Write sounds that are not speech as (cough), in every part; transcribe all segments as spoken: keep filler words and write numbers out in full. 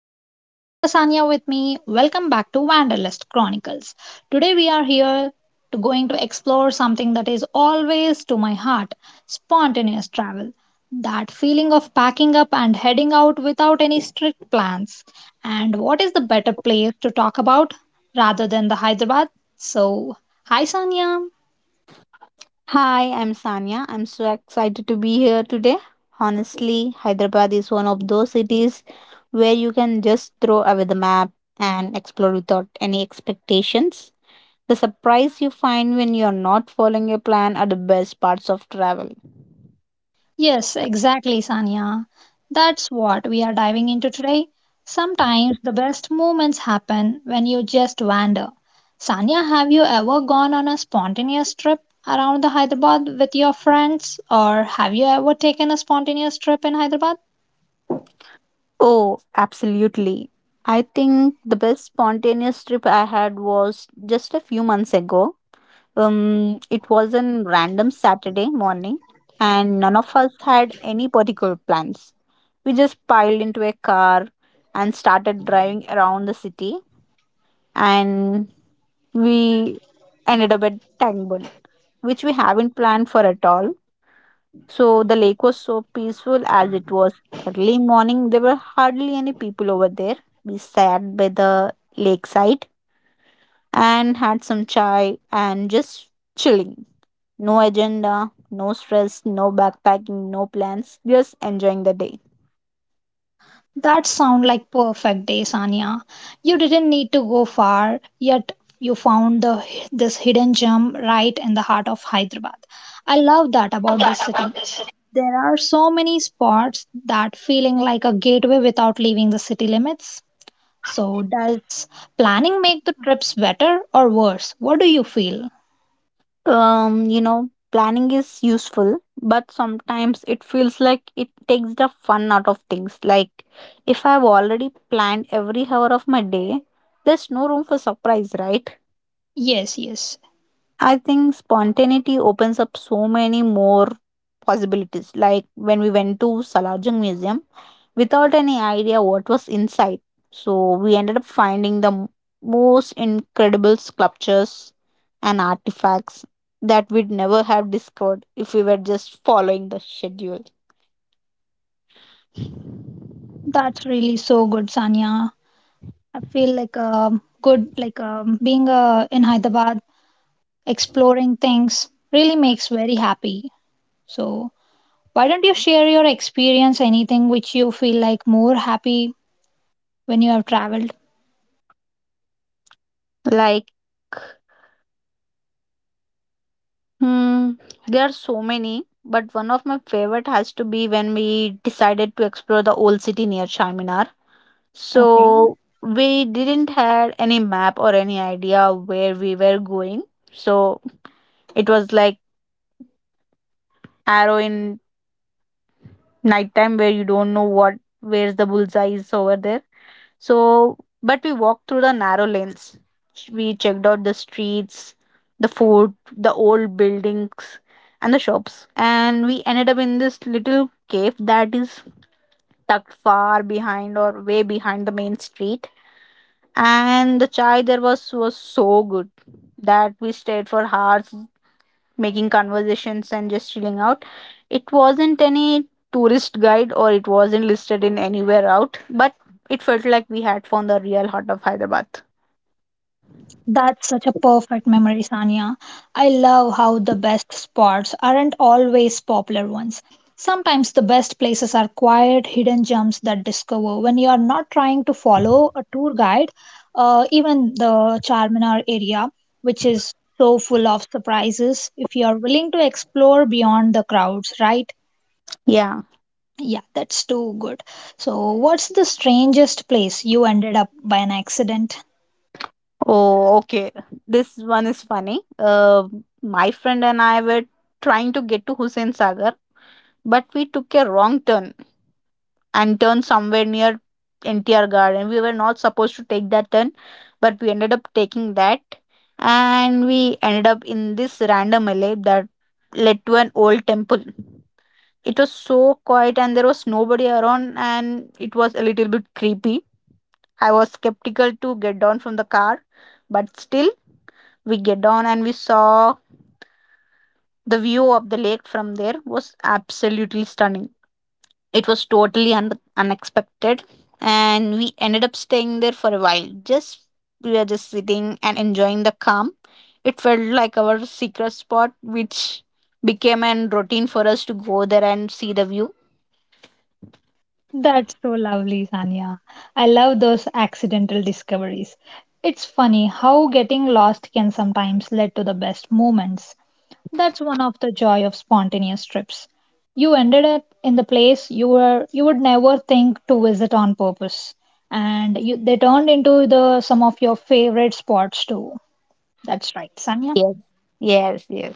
And I have Asanya with me. Welcome back to Wanderlust Chronicles. Today we are here to going to explore something that is always to my heart, spontaneous travel. That feeling of packing up and heading out without any strict plans. And what is the better place to talk about rather than the Hyderabad? So, hi Sanya. Hi, I'm Sanya. I'm so excited to be here today. Honestly, Hyderabad is one of those cities where you can just throw away the map and explore without any expectations. The surprise you find when you're not following your plan are the best parts of travel. Yes, exactly, Sanya. That's what we are diving into today. Sometimes the best moments happen when you just wander. Sanya, have you ever gone on a spontaneous trip around the Hyderabad with your friends or have you ever taken a spontaneous trip in Hyderabad? Oh, absolutely. I think the best spontaneous trip I had was just a few months ago. Um, it was a random Saturday morning, and none of us had any particular plans. We just piled into a car and started driving around the city, and we ended up at Tangbun, which we haven't planned for at all. So the lake was so peaceful as it was early morning. There were hardly any people over there. We sat by the lakeside and had some chai and just chilling. No agenda, no stress, no backpacking, no plans, just enjoying the day. That sound like perfect day, Sanya. You didn't need to go far, yet you found the this hidden gem right in the heart of Hyderabad. I love that about this. There are so many spots that feeling like a gateway without leaving the city limits. So does planning make the trips better or worse? What do you feel? Um, you know, planning is useful, but sometimes it feels like it takes the fun out of things. Like, if I've already planned every hour of my day, there's no room for surprise, right? Yes, yes. I think spontaneity opens up so many more possibilities. Like when we went to Salajung Museum without any idea what was inside. So we ended up finding the m- most incredible sculptures and artifacts that we'd never have discovered if we were just following the schedule. That's really so good, Sanya. I feel like um good like um being uh, in Hyderabad exploring things really makes very happy. So why don't you share your experience anything which you feel like more happy when you have traveled? Like, hmm, there are so many, but one of my favorite has to be when we decided to explore the old city near Charminar. Okay. So we didn't had any map or any idea where we were going. So it was like arrow in nighttime where you don't know what where's the bullseye is over there. So but we walked through the narrow lanes. We checked out the streets, the food, the old buildings and the shops. And we ended up in this little cave that is tucked far behind or way behind the main street, and the chai there was was so good that we stayed for hours making conversations and just chilling out. It wasn't any tourist guide or it wasn't listed in anywhere out, but it felt like we had found the real heart of Hyderabad. That's such a perfect memory, Sanya. I love how the best spots aren't always popular ones. Sometimes the best places are quiet, hidden gems that discover when you are not trying to follow a tour guide, uh, even the Charminar area, which is so full of surprises, if you are willing to explore beyond the crowds, right? Yeah. Yeah, that's too good. So, what's the strangest place you ended up by an accident? Oh, okay. This one is funny. Uh, my friend and I were trying to get to Hussein Sagar, but we took a wrong turn and turned somewhere near N T R Garden. We were not supposed to take that turn, but we ended up taking that, and we ended up in this random alley that led to an old temple. It was so quiet, and there was nobody around, and it was a little bit creepy. I was skeptical to get down from the car, but still, we get down and we saw the view of the lake from there was absolutely stunning. It was totally un- unexpected, and we ended up staying there for a while. Just we were just sitting and enjoying the calm. It felt like our secret spot, which became a routine for us to go there and see the view. That's so lovely, Sanya. I love those accidental discoveries. It's funny how getting lost can sometimes lead to the best moments. That's one of the joy of spontaneous trips. You ended up in the place you were you would never think to visit on purpose, and you, they turned into the some of your favorite spots too. That's right, Sanya. Yes, yes, yes.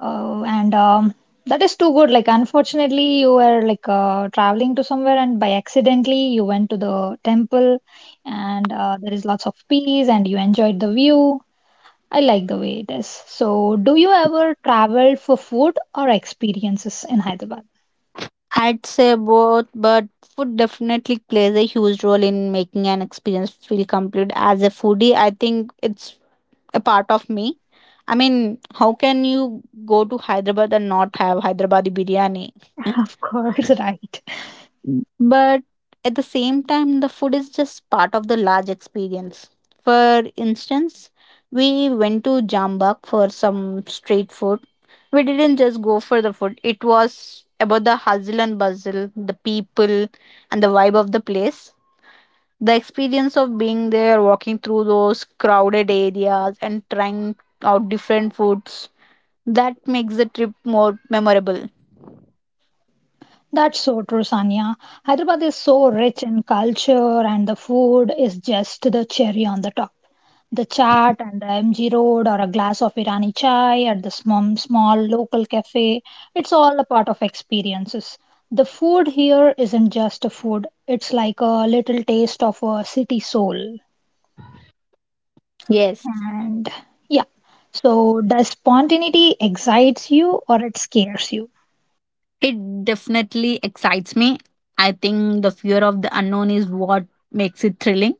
Oh, and um, that is too good. Like, unfortunately, you were like uh, traveling to somewhere, and by accidentally, you went to the temple, and uh, there is lots of peace, and you enjoyed the view. I like the way it is. So, do you ever travel for food or experiences in Hyderabad? I'd say both, but food definitely plays a huge role in making an experience feel complete. As a foodie, I think it's a part of me. I mean, how can you go to Hyderabad and not have Hyderabadi biryani? (laughs) Of course, right. But at the same time, the food is just part of the large experience. For instance, we went to Jambak for some street food. We didn't just go for the food. It was about the hustle and bustle, the people, and the vibe of the place. The experience of being there, walking through those crowded areas and trying out different foods, that makes the trip more memorable. That's so true, Sanya. Hyderabad is so rich in culture, and the food is just the cherry on the top. The chaat and the M G Road, or a glass of Irani chai at the small, small local cafe, it's all a part of experiences. The food here isn't just a food, it's like a little taste of a city soul. Yes. And yeah, so does spontaneity excites you or it scares you? It definitely excites me. I think the fear of the unknown is what makes it thrilling.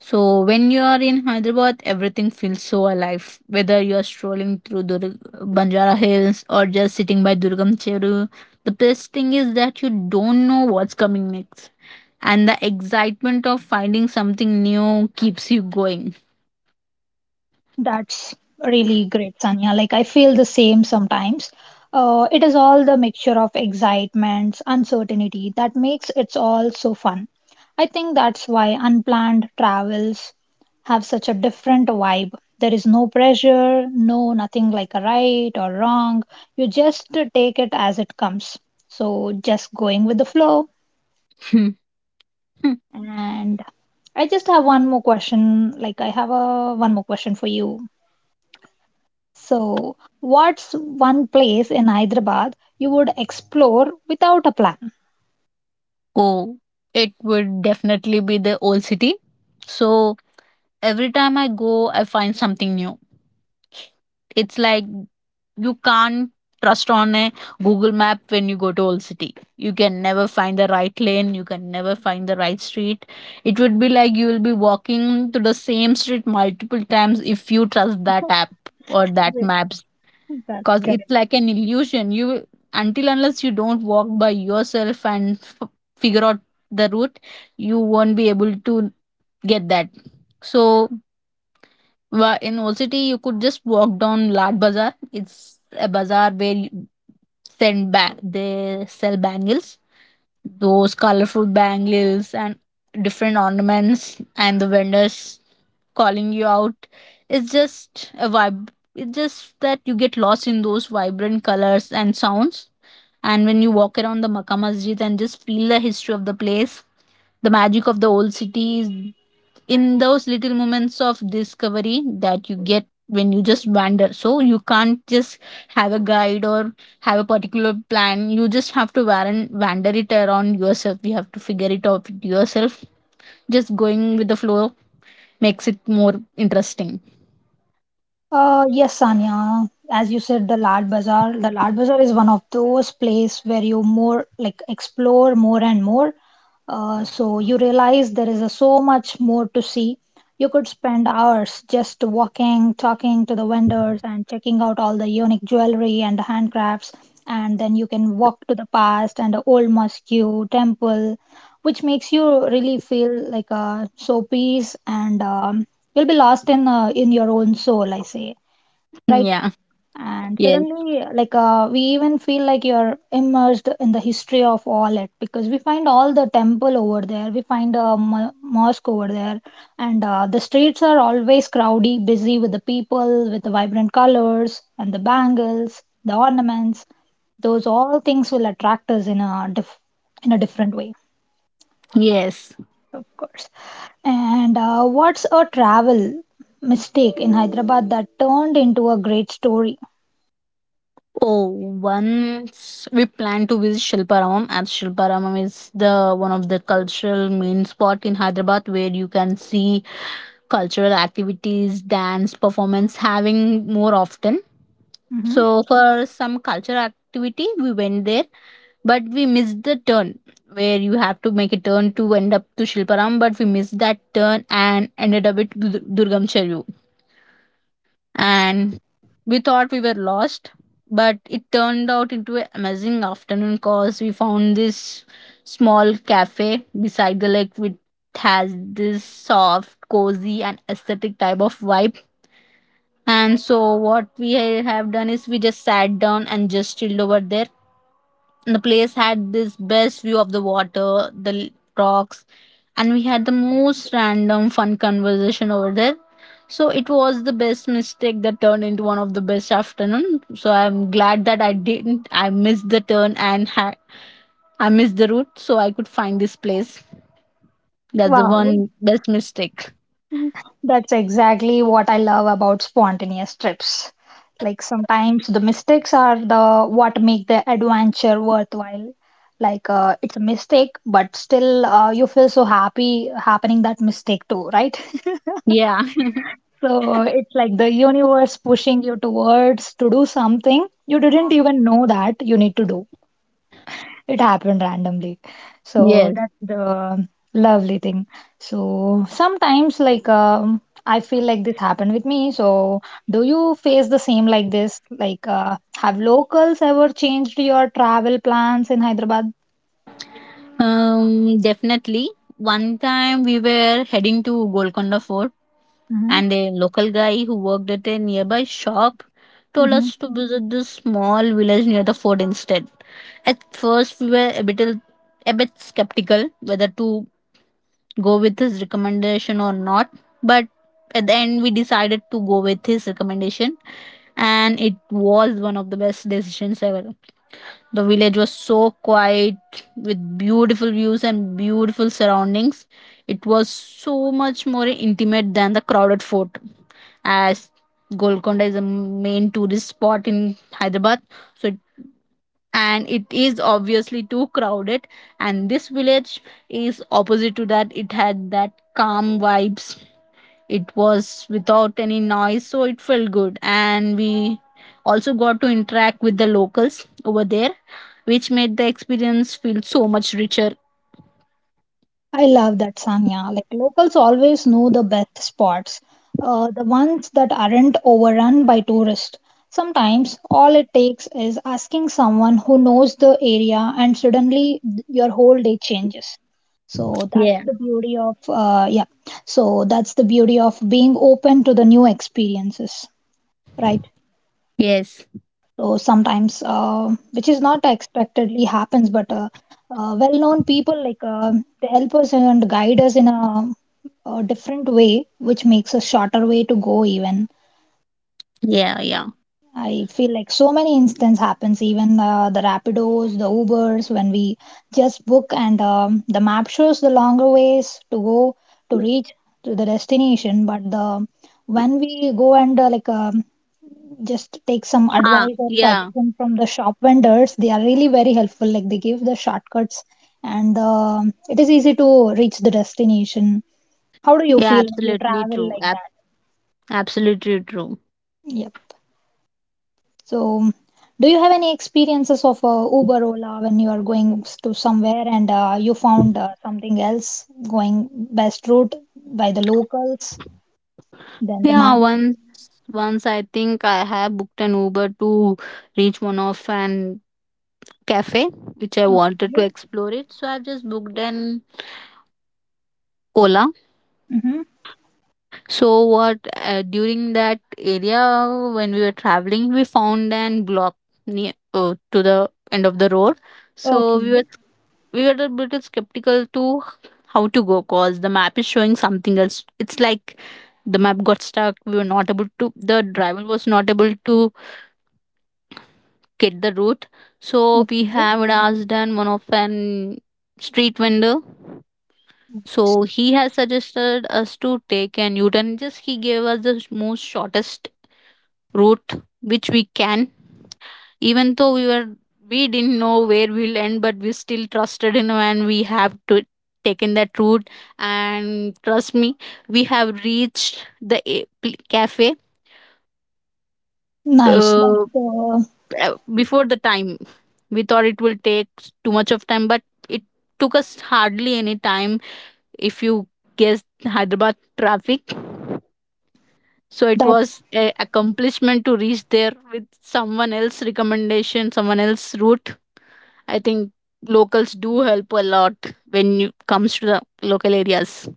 So when you are in Hyderabad, everything feels so alive. Whether you are strolling through Dur- Banjara Hills or just sitting by Durgam Cheru, the best thing is that you don't know what's coming next, and the excitement of finding something new keeps you going. That's really great, Sanya. Like I feel the same sometimes. Uh, it is all the mixture of excitement, uncertainty that makes it all so fun. I think that's why unplanned travels have such a different vibe. There is no pressure, no nothing like a right or wrong. You just take it as it comes. So just going with the flow. (laughs) And I just have one more question. Like I have a one more question for you. So, what's one place in Hyderabad you would explore without a plan? oh, it would definitely be the old city. So every time I go, I find something new. It's like you can't trust on a Google map when you go to old city. You can never find the right lane, you can never find the right street. It would be like you will be walking to the same street multiple times if you trust that app or that maps, That's because it's correct. like an illusion. You, until unless you don't walk by yourself and f- figure out the route, you won't be able to get that. So, Wa- in Old City, you could just walk down Lad Bazaar. It's a bazaar where you send back they sell bangles, those colorful bangles and different ornaments, and the vendors calling you out. It's just a vibe. It's just that you get lost in those vibrant colors and sounds. And when you walk around the Makkah Masjid and just feel the history of the place, the magic of the old city is in those little moments of discovery that you get when you just wander. So you can't just have a guide or have a particular plan. You just have to wan- wander it around yourself. You have to figure it out yourself. Just going with the flow makes it more interesting. (laughs) Uh, yes, Sanya. As you said, the Lal Bazaar, the Lal Bazaar is one of those place where you more like explore more and more. Uh, so you realize there is a, so much more to see. You could spend hours just walking, talking to the vendors, and checking out all the unique jewelry and the handcrafts. And then you can walk to the past and the old mosque, temple, which makes you really feel like uh, so peace and um, you'll be lost in uh, in your own soul I say, right. Yeah. And Yes. suddenly like uh, we even feel like you're immersed in the history of all it because we find all the temple over there, we find a mo- mosque over there, and uh, the streets are always crowdy busy with the people, with the vibrant colors and the bangles, the ornaments. Those all things will attract us in a diff- in a different way, Yes. of course. And uh, what's a travel mistake in Hyderabad that turned into a great story? Oh, once we plan to visit Shilparamam, as Shilparamam is the one of the cultural main spot in Hyderabad where you can see cultural activities, dance, performance having more often. Hmm. So for some cultural activity, we went there, but we missed the turn where you have to make a turn to end up to Shilparam, but we missed that turn and ended up at Dur- Durgam Cheru. And we thought we were lost, but it turned out into an amazing afternoon because we found this small cafe beside the lake with has this soft, cozy, and aesthetic type of vibe. And so what we ha- have done is we just sat down and just chilled over there. And the place had this best view of the water, the l- rocks, and we had the most random fun conversation over there. So it was the best mistake that turned into one of the best afternoon. So I'm glad that I didn't. I missed the turn and ha- I missed the route, so I could find this place. That's the Wow, one best mistake. that's exactly what I love about spontaneous trips. Like sometimes the mistakes are the what make the adventure worthwhile. Like uh, it's a mistake, but still uh, you feel so happy happening that mistake too, right? (laughs) Yeah. (laughs) So it's like the universe pushing you towards to do something you didn't even know that you need to do. It happened randomly. So Yes. that's the lovely thing. So sometimes, like, um, I feel like this happened with me. So do you face the same like this? Like, uh, have locals ever changed your travel plans in Hyderabad? Um, definitely. One time we were heading to Golconda Fort, Mm-hmm. and a local guy who worked at a nearby shop told us to visit this small village near the fort instead. At first, we were a bit a bit skeptical whether to go with his recommendation or not, but at the end, we decided to go with his recommendation, and it was one of the best decisions ever. The village was so quiet with beautiful views and beautiful surroundings. It was so much more intimate than the crowded fort. As Golconda is a main tourist spot in Hyderabad, so it, and it is obviously too crowded. And this village is opposite to that. It had that calm vibes. It was without any noise, so it felt good. And we also got to interact with the locals over there, which made the experience feel so much richer. I love that, Sanya. Like locals always know the best spots, uh, the ones that aren't overrun by tourists. Sometimes all it takes is asking someone who knows the area, and suddenly th- your whole day changes. So that's Yeah. the beauty of uh, yeah. So that's the beauty of being open to the new experiences, right? Yes. So sometimes, uh, which is not expectedly happens, but uh, uh, well-known people like uh, they help us and guide us in a, a different way, which makes a shorter way to go. Even Yeah, yeah. I feel like so many instances happens. Even uh, the Rapidos, the Ubers, when we just book and um, the map shows the longer ways to go to reach to the destination, but the when we go and uh, like uh, just take some Ah, advice or yeah. suggestion from the shop vendors, they are really very helpful, like they give the shortcuts and um it is easy to reach the destination. How do you Yeah, feel when you absolutely travel true. like Ab- that? Absolutely true. Yep. So do you have any experiences of uh, Uber, Ola when you are going s- to somewhere and uh, you found uh, something else going best route by the locals then the Yeah, map? once once I think I have booked an Uber to reach one of an cafe which I wanted to explore it. So I've just booked an Ola. Mm-hmm. So what uh, during that area when we were traveling, we found an block near uh, to the end of the road. So Okay, we were we were a bit skeptical to how to go, cause the map is showing something else. It's like the map got stuck. We were not able to, the driver was not able to get the route. So we okay. have asked an one of an street vendor. So he has suggested us to take an u-turn. Just he gave us the most shortest route, which we can, even though we were we didn't know where we'll end, but we still trusted in him and we have to taken that route. And trust me, we have reached the a- pl- cafe Nice. uh, that's uh, uh, before the time. We thought it will take too much of time, but it took us hardly any time if you guess Hyderabad traffic. So it That. was a accomplishment to reach there with someone else recommendation, someone else route. I think locals do help a lot when it comes to the local areas.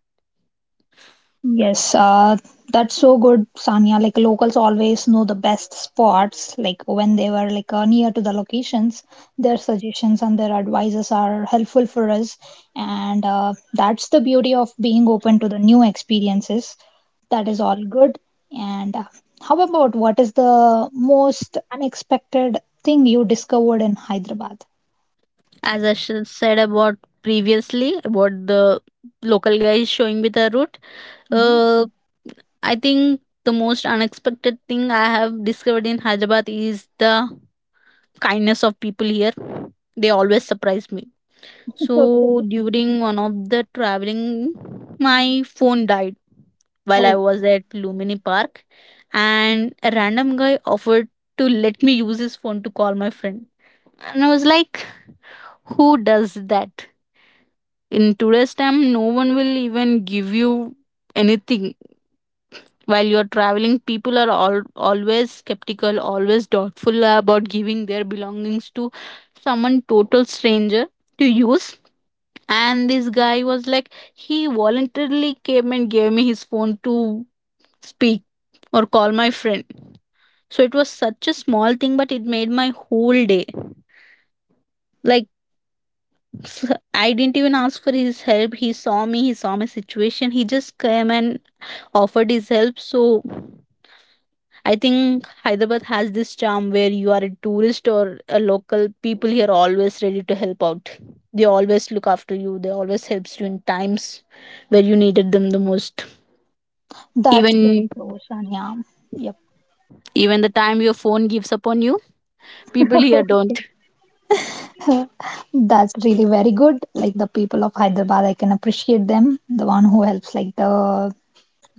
Yes, uh, that's so good, Sanya. Like locals always know the best spots. Like when they were like uh, near to the locations, their suggestions and their advices are helpful for us. And uh, that's the beauty of being open to the new experiences. That is all good. And uh, how about what is the most unexpected thing you discovered in Hyderabad? As I sh- said about previously about the local guys showing me the route, Hmm. uh, I think the most unexpected thing I have discovered in Hyderabad is the kindness of people here. They always surprise me. So So true. during one of the traveling, my phone died while I Oh, was at Lumini Park, and a random guy offered to let me use his phone to call my friend. And I was like, who does that? In today's time, no one will even give you anything while you're traveling. People are all, always skeptical, always doubtful about giving their belongings to someone total stranger to use. And this guy was like, he voluntarily came and gave me his phone to speak or call my friend. So it was such a small thing, but it made my whole day. Like, (laughs) s- I didn't even ask for his help. He saw me, he saw my situation, he just came and offered his help. So I think Hyderabad has this charm where you are a tourist or a local, people here are always ready to help out. They always look after you. They always helps you in times where you needed them the most. that's so Even true, Sanya. Yep. even the time your phone gives up on you, people here don't. (laughs) (laughs) That's really very good. Like the people of Hyderabad, I can appreciate them. The one who helps, like the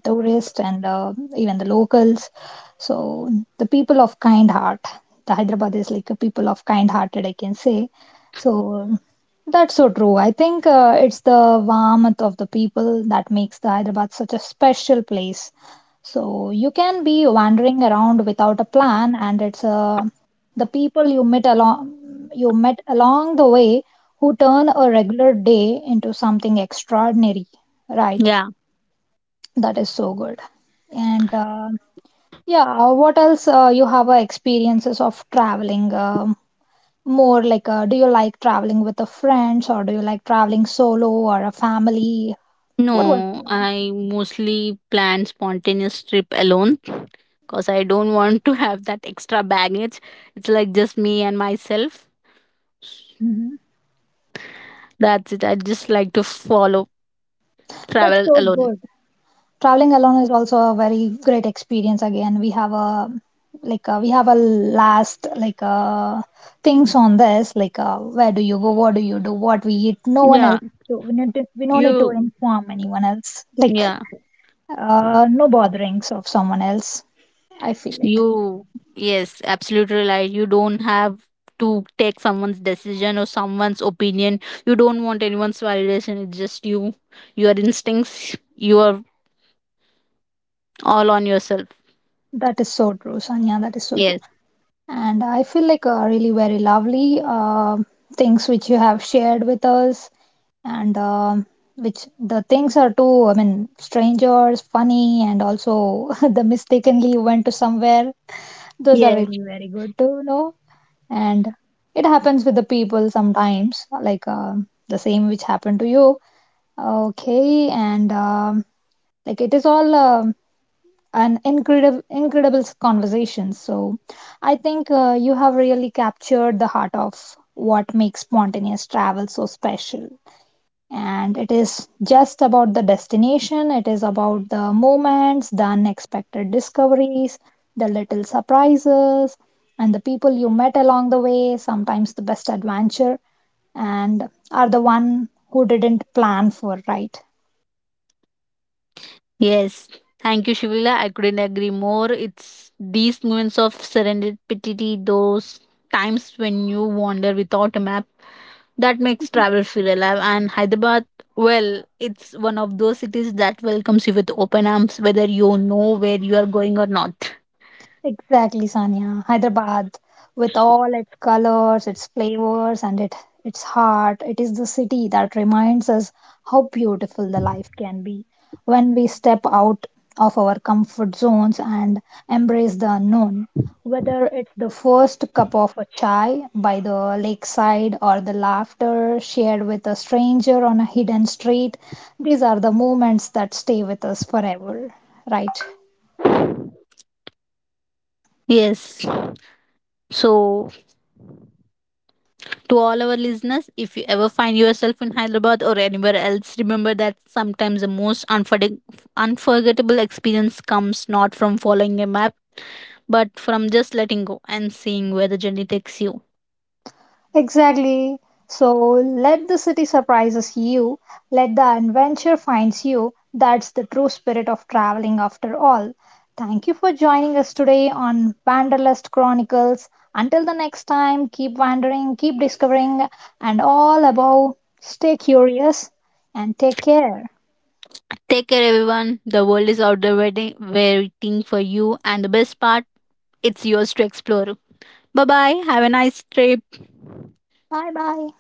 tourists and uh, even the locals. So the people of kind heart. The Hyderabad is like a people of kind hearted, I can say. So that's so true. I think uh, it's the warmth of the people that makes the Hyderabad such a special place. So you can be wandering around without a plan, and it's uh, the people you met along you met along the way who turn a regular day into something extraordinary, right? Yeah. That is so good. And uh, yeah, what else uh, you have uh, experiences of traveling? Um, more like, uh, do you like traveling with the friends, or do you like traveling solo or a family? What was No, your? I mostly plan spontaneous trip alone because I don't want to have that extra baggage. It's like just me and myself. Mhm. That's it. I just like to follow That's travel so alone. good. Traveling alone is also a very great experience. Again, we have a like uh, we have a last like uh, things on this like uh, where do you go, what do you do, what we eat. No one Yeah. else. We need to, we don't need to You, inform anyone else. Like yeah, uh, no botherings of someone else. I feel like you, yes, absolutely right. You don't have to take someone's decision or someone's opinion. You don't want anyone's validation. It's just you, your instincts. You are all on yourself. that is so true, Sanya. That is so true. Yes, And I feel like uh, really very lovely uh, things which you have shared with us, and um which the things are too, I mean, strangers, funny, and also (laughs) the mistakenly you went to somewhere. Those are yes, really very good to know. And it happens with the people sometimes, like um the same which happened to you. Okay, and um, like it is all um an incredible incredible conversation. So I think uh, you have really captured the heart of what makes spontaneous travel so special, and it is just about the destination, it is about the moments, the unexpected discoveries, the little surprises, and the people you met along the way. Sometimes the best adventure and are the one who didn't plan for, right. yes. Thank you, Shivila. I couldn't agree more. It's these moments of serendipity, those times when you wander without a map, that makes travel feel alive. And Hyderabad, well, it's one of those cities that welcomes you with open arms, whether you know where you are going or not. Exactly, Sanya. Hyderabad, with all its colors, its flavors, and it, its heart, it is the city that reminds us how beautiful the life can be when we step out of our comfort zones and embrace the unknown. Whether it's the first cup of a chai by the lakeside or the laughter shared with a stranger on a hidden street, these are the moments that stay with us forever, right? Yes. So, to all our listeners, if you ever find yourself in Hyderabad or anywhere else, remember that sometimes the most unforg- unforgettable experience comes not from following a map, but from just letting go and seeing where the journey takes you. Exactly. So let the city surprises you, let the adventure finds you. That's the true spirit of traveling after all. Thank you for joining us today on Wanderlust Chronicles. Until the next time, keep wandering, keep discovering, and all above, stay curious and take care. Take care, everyone. The world is out there waiting, waiting for you. And the best part, it's yours to explore. Bye bye. Have a nice trip. Bye bye.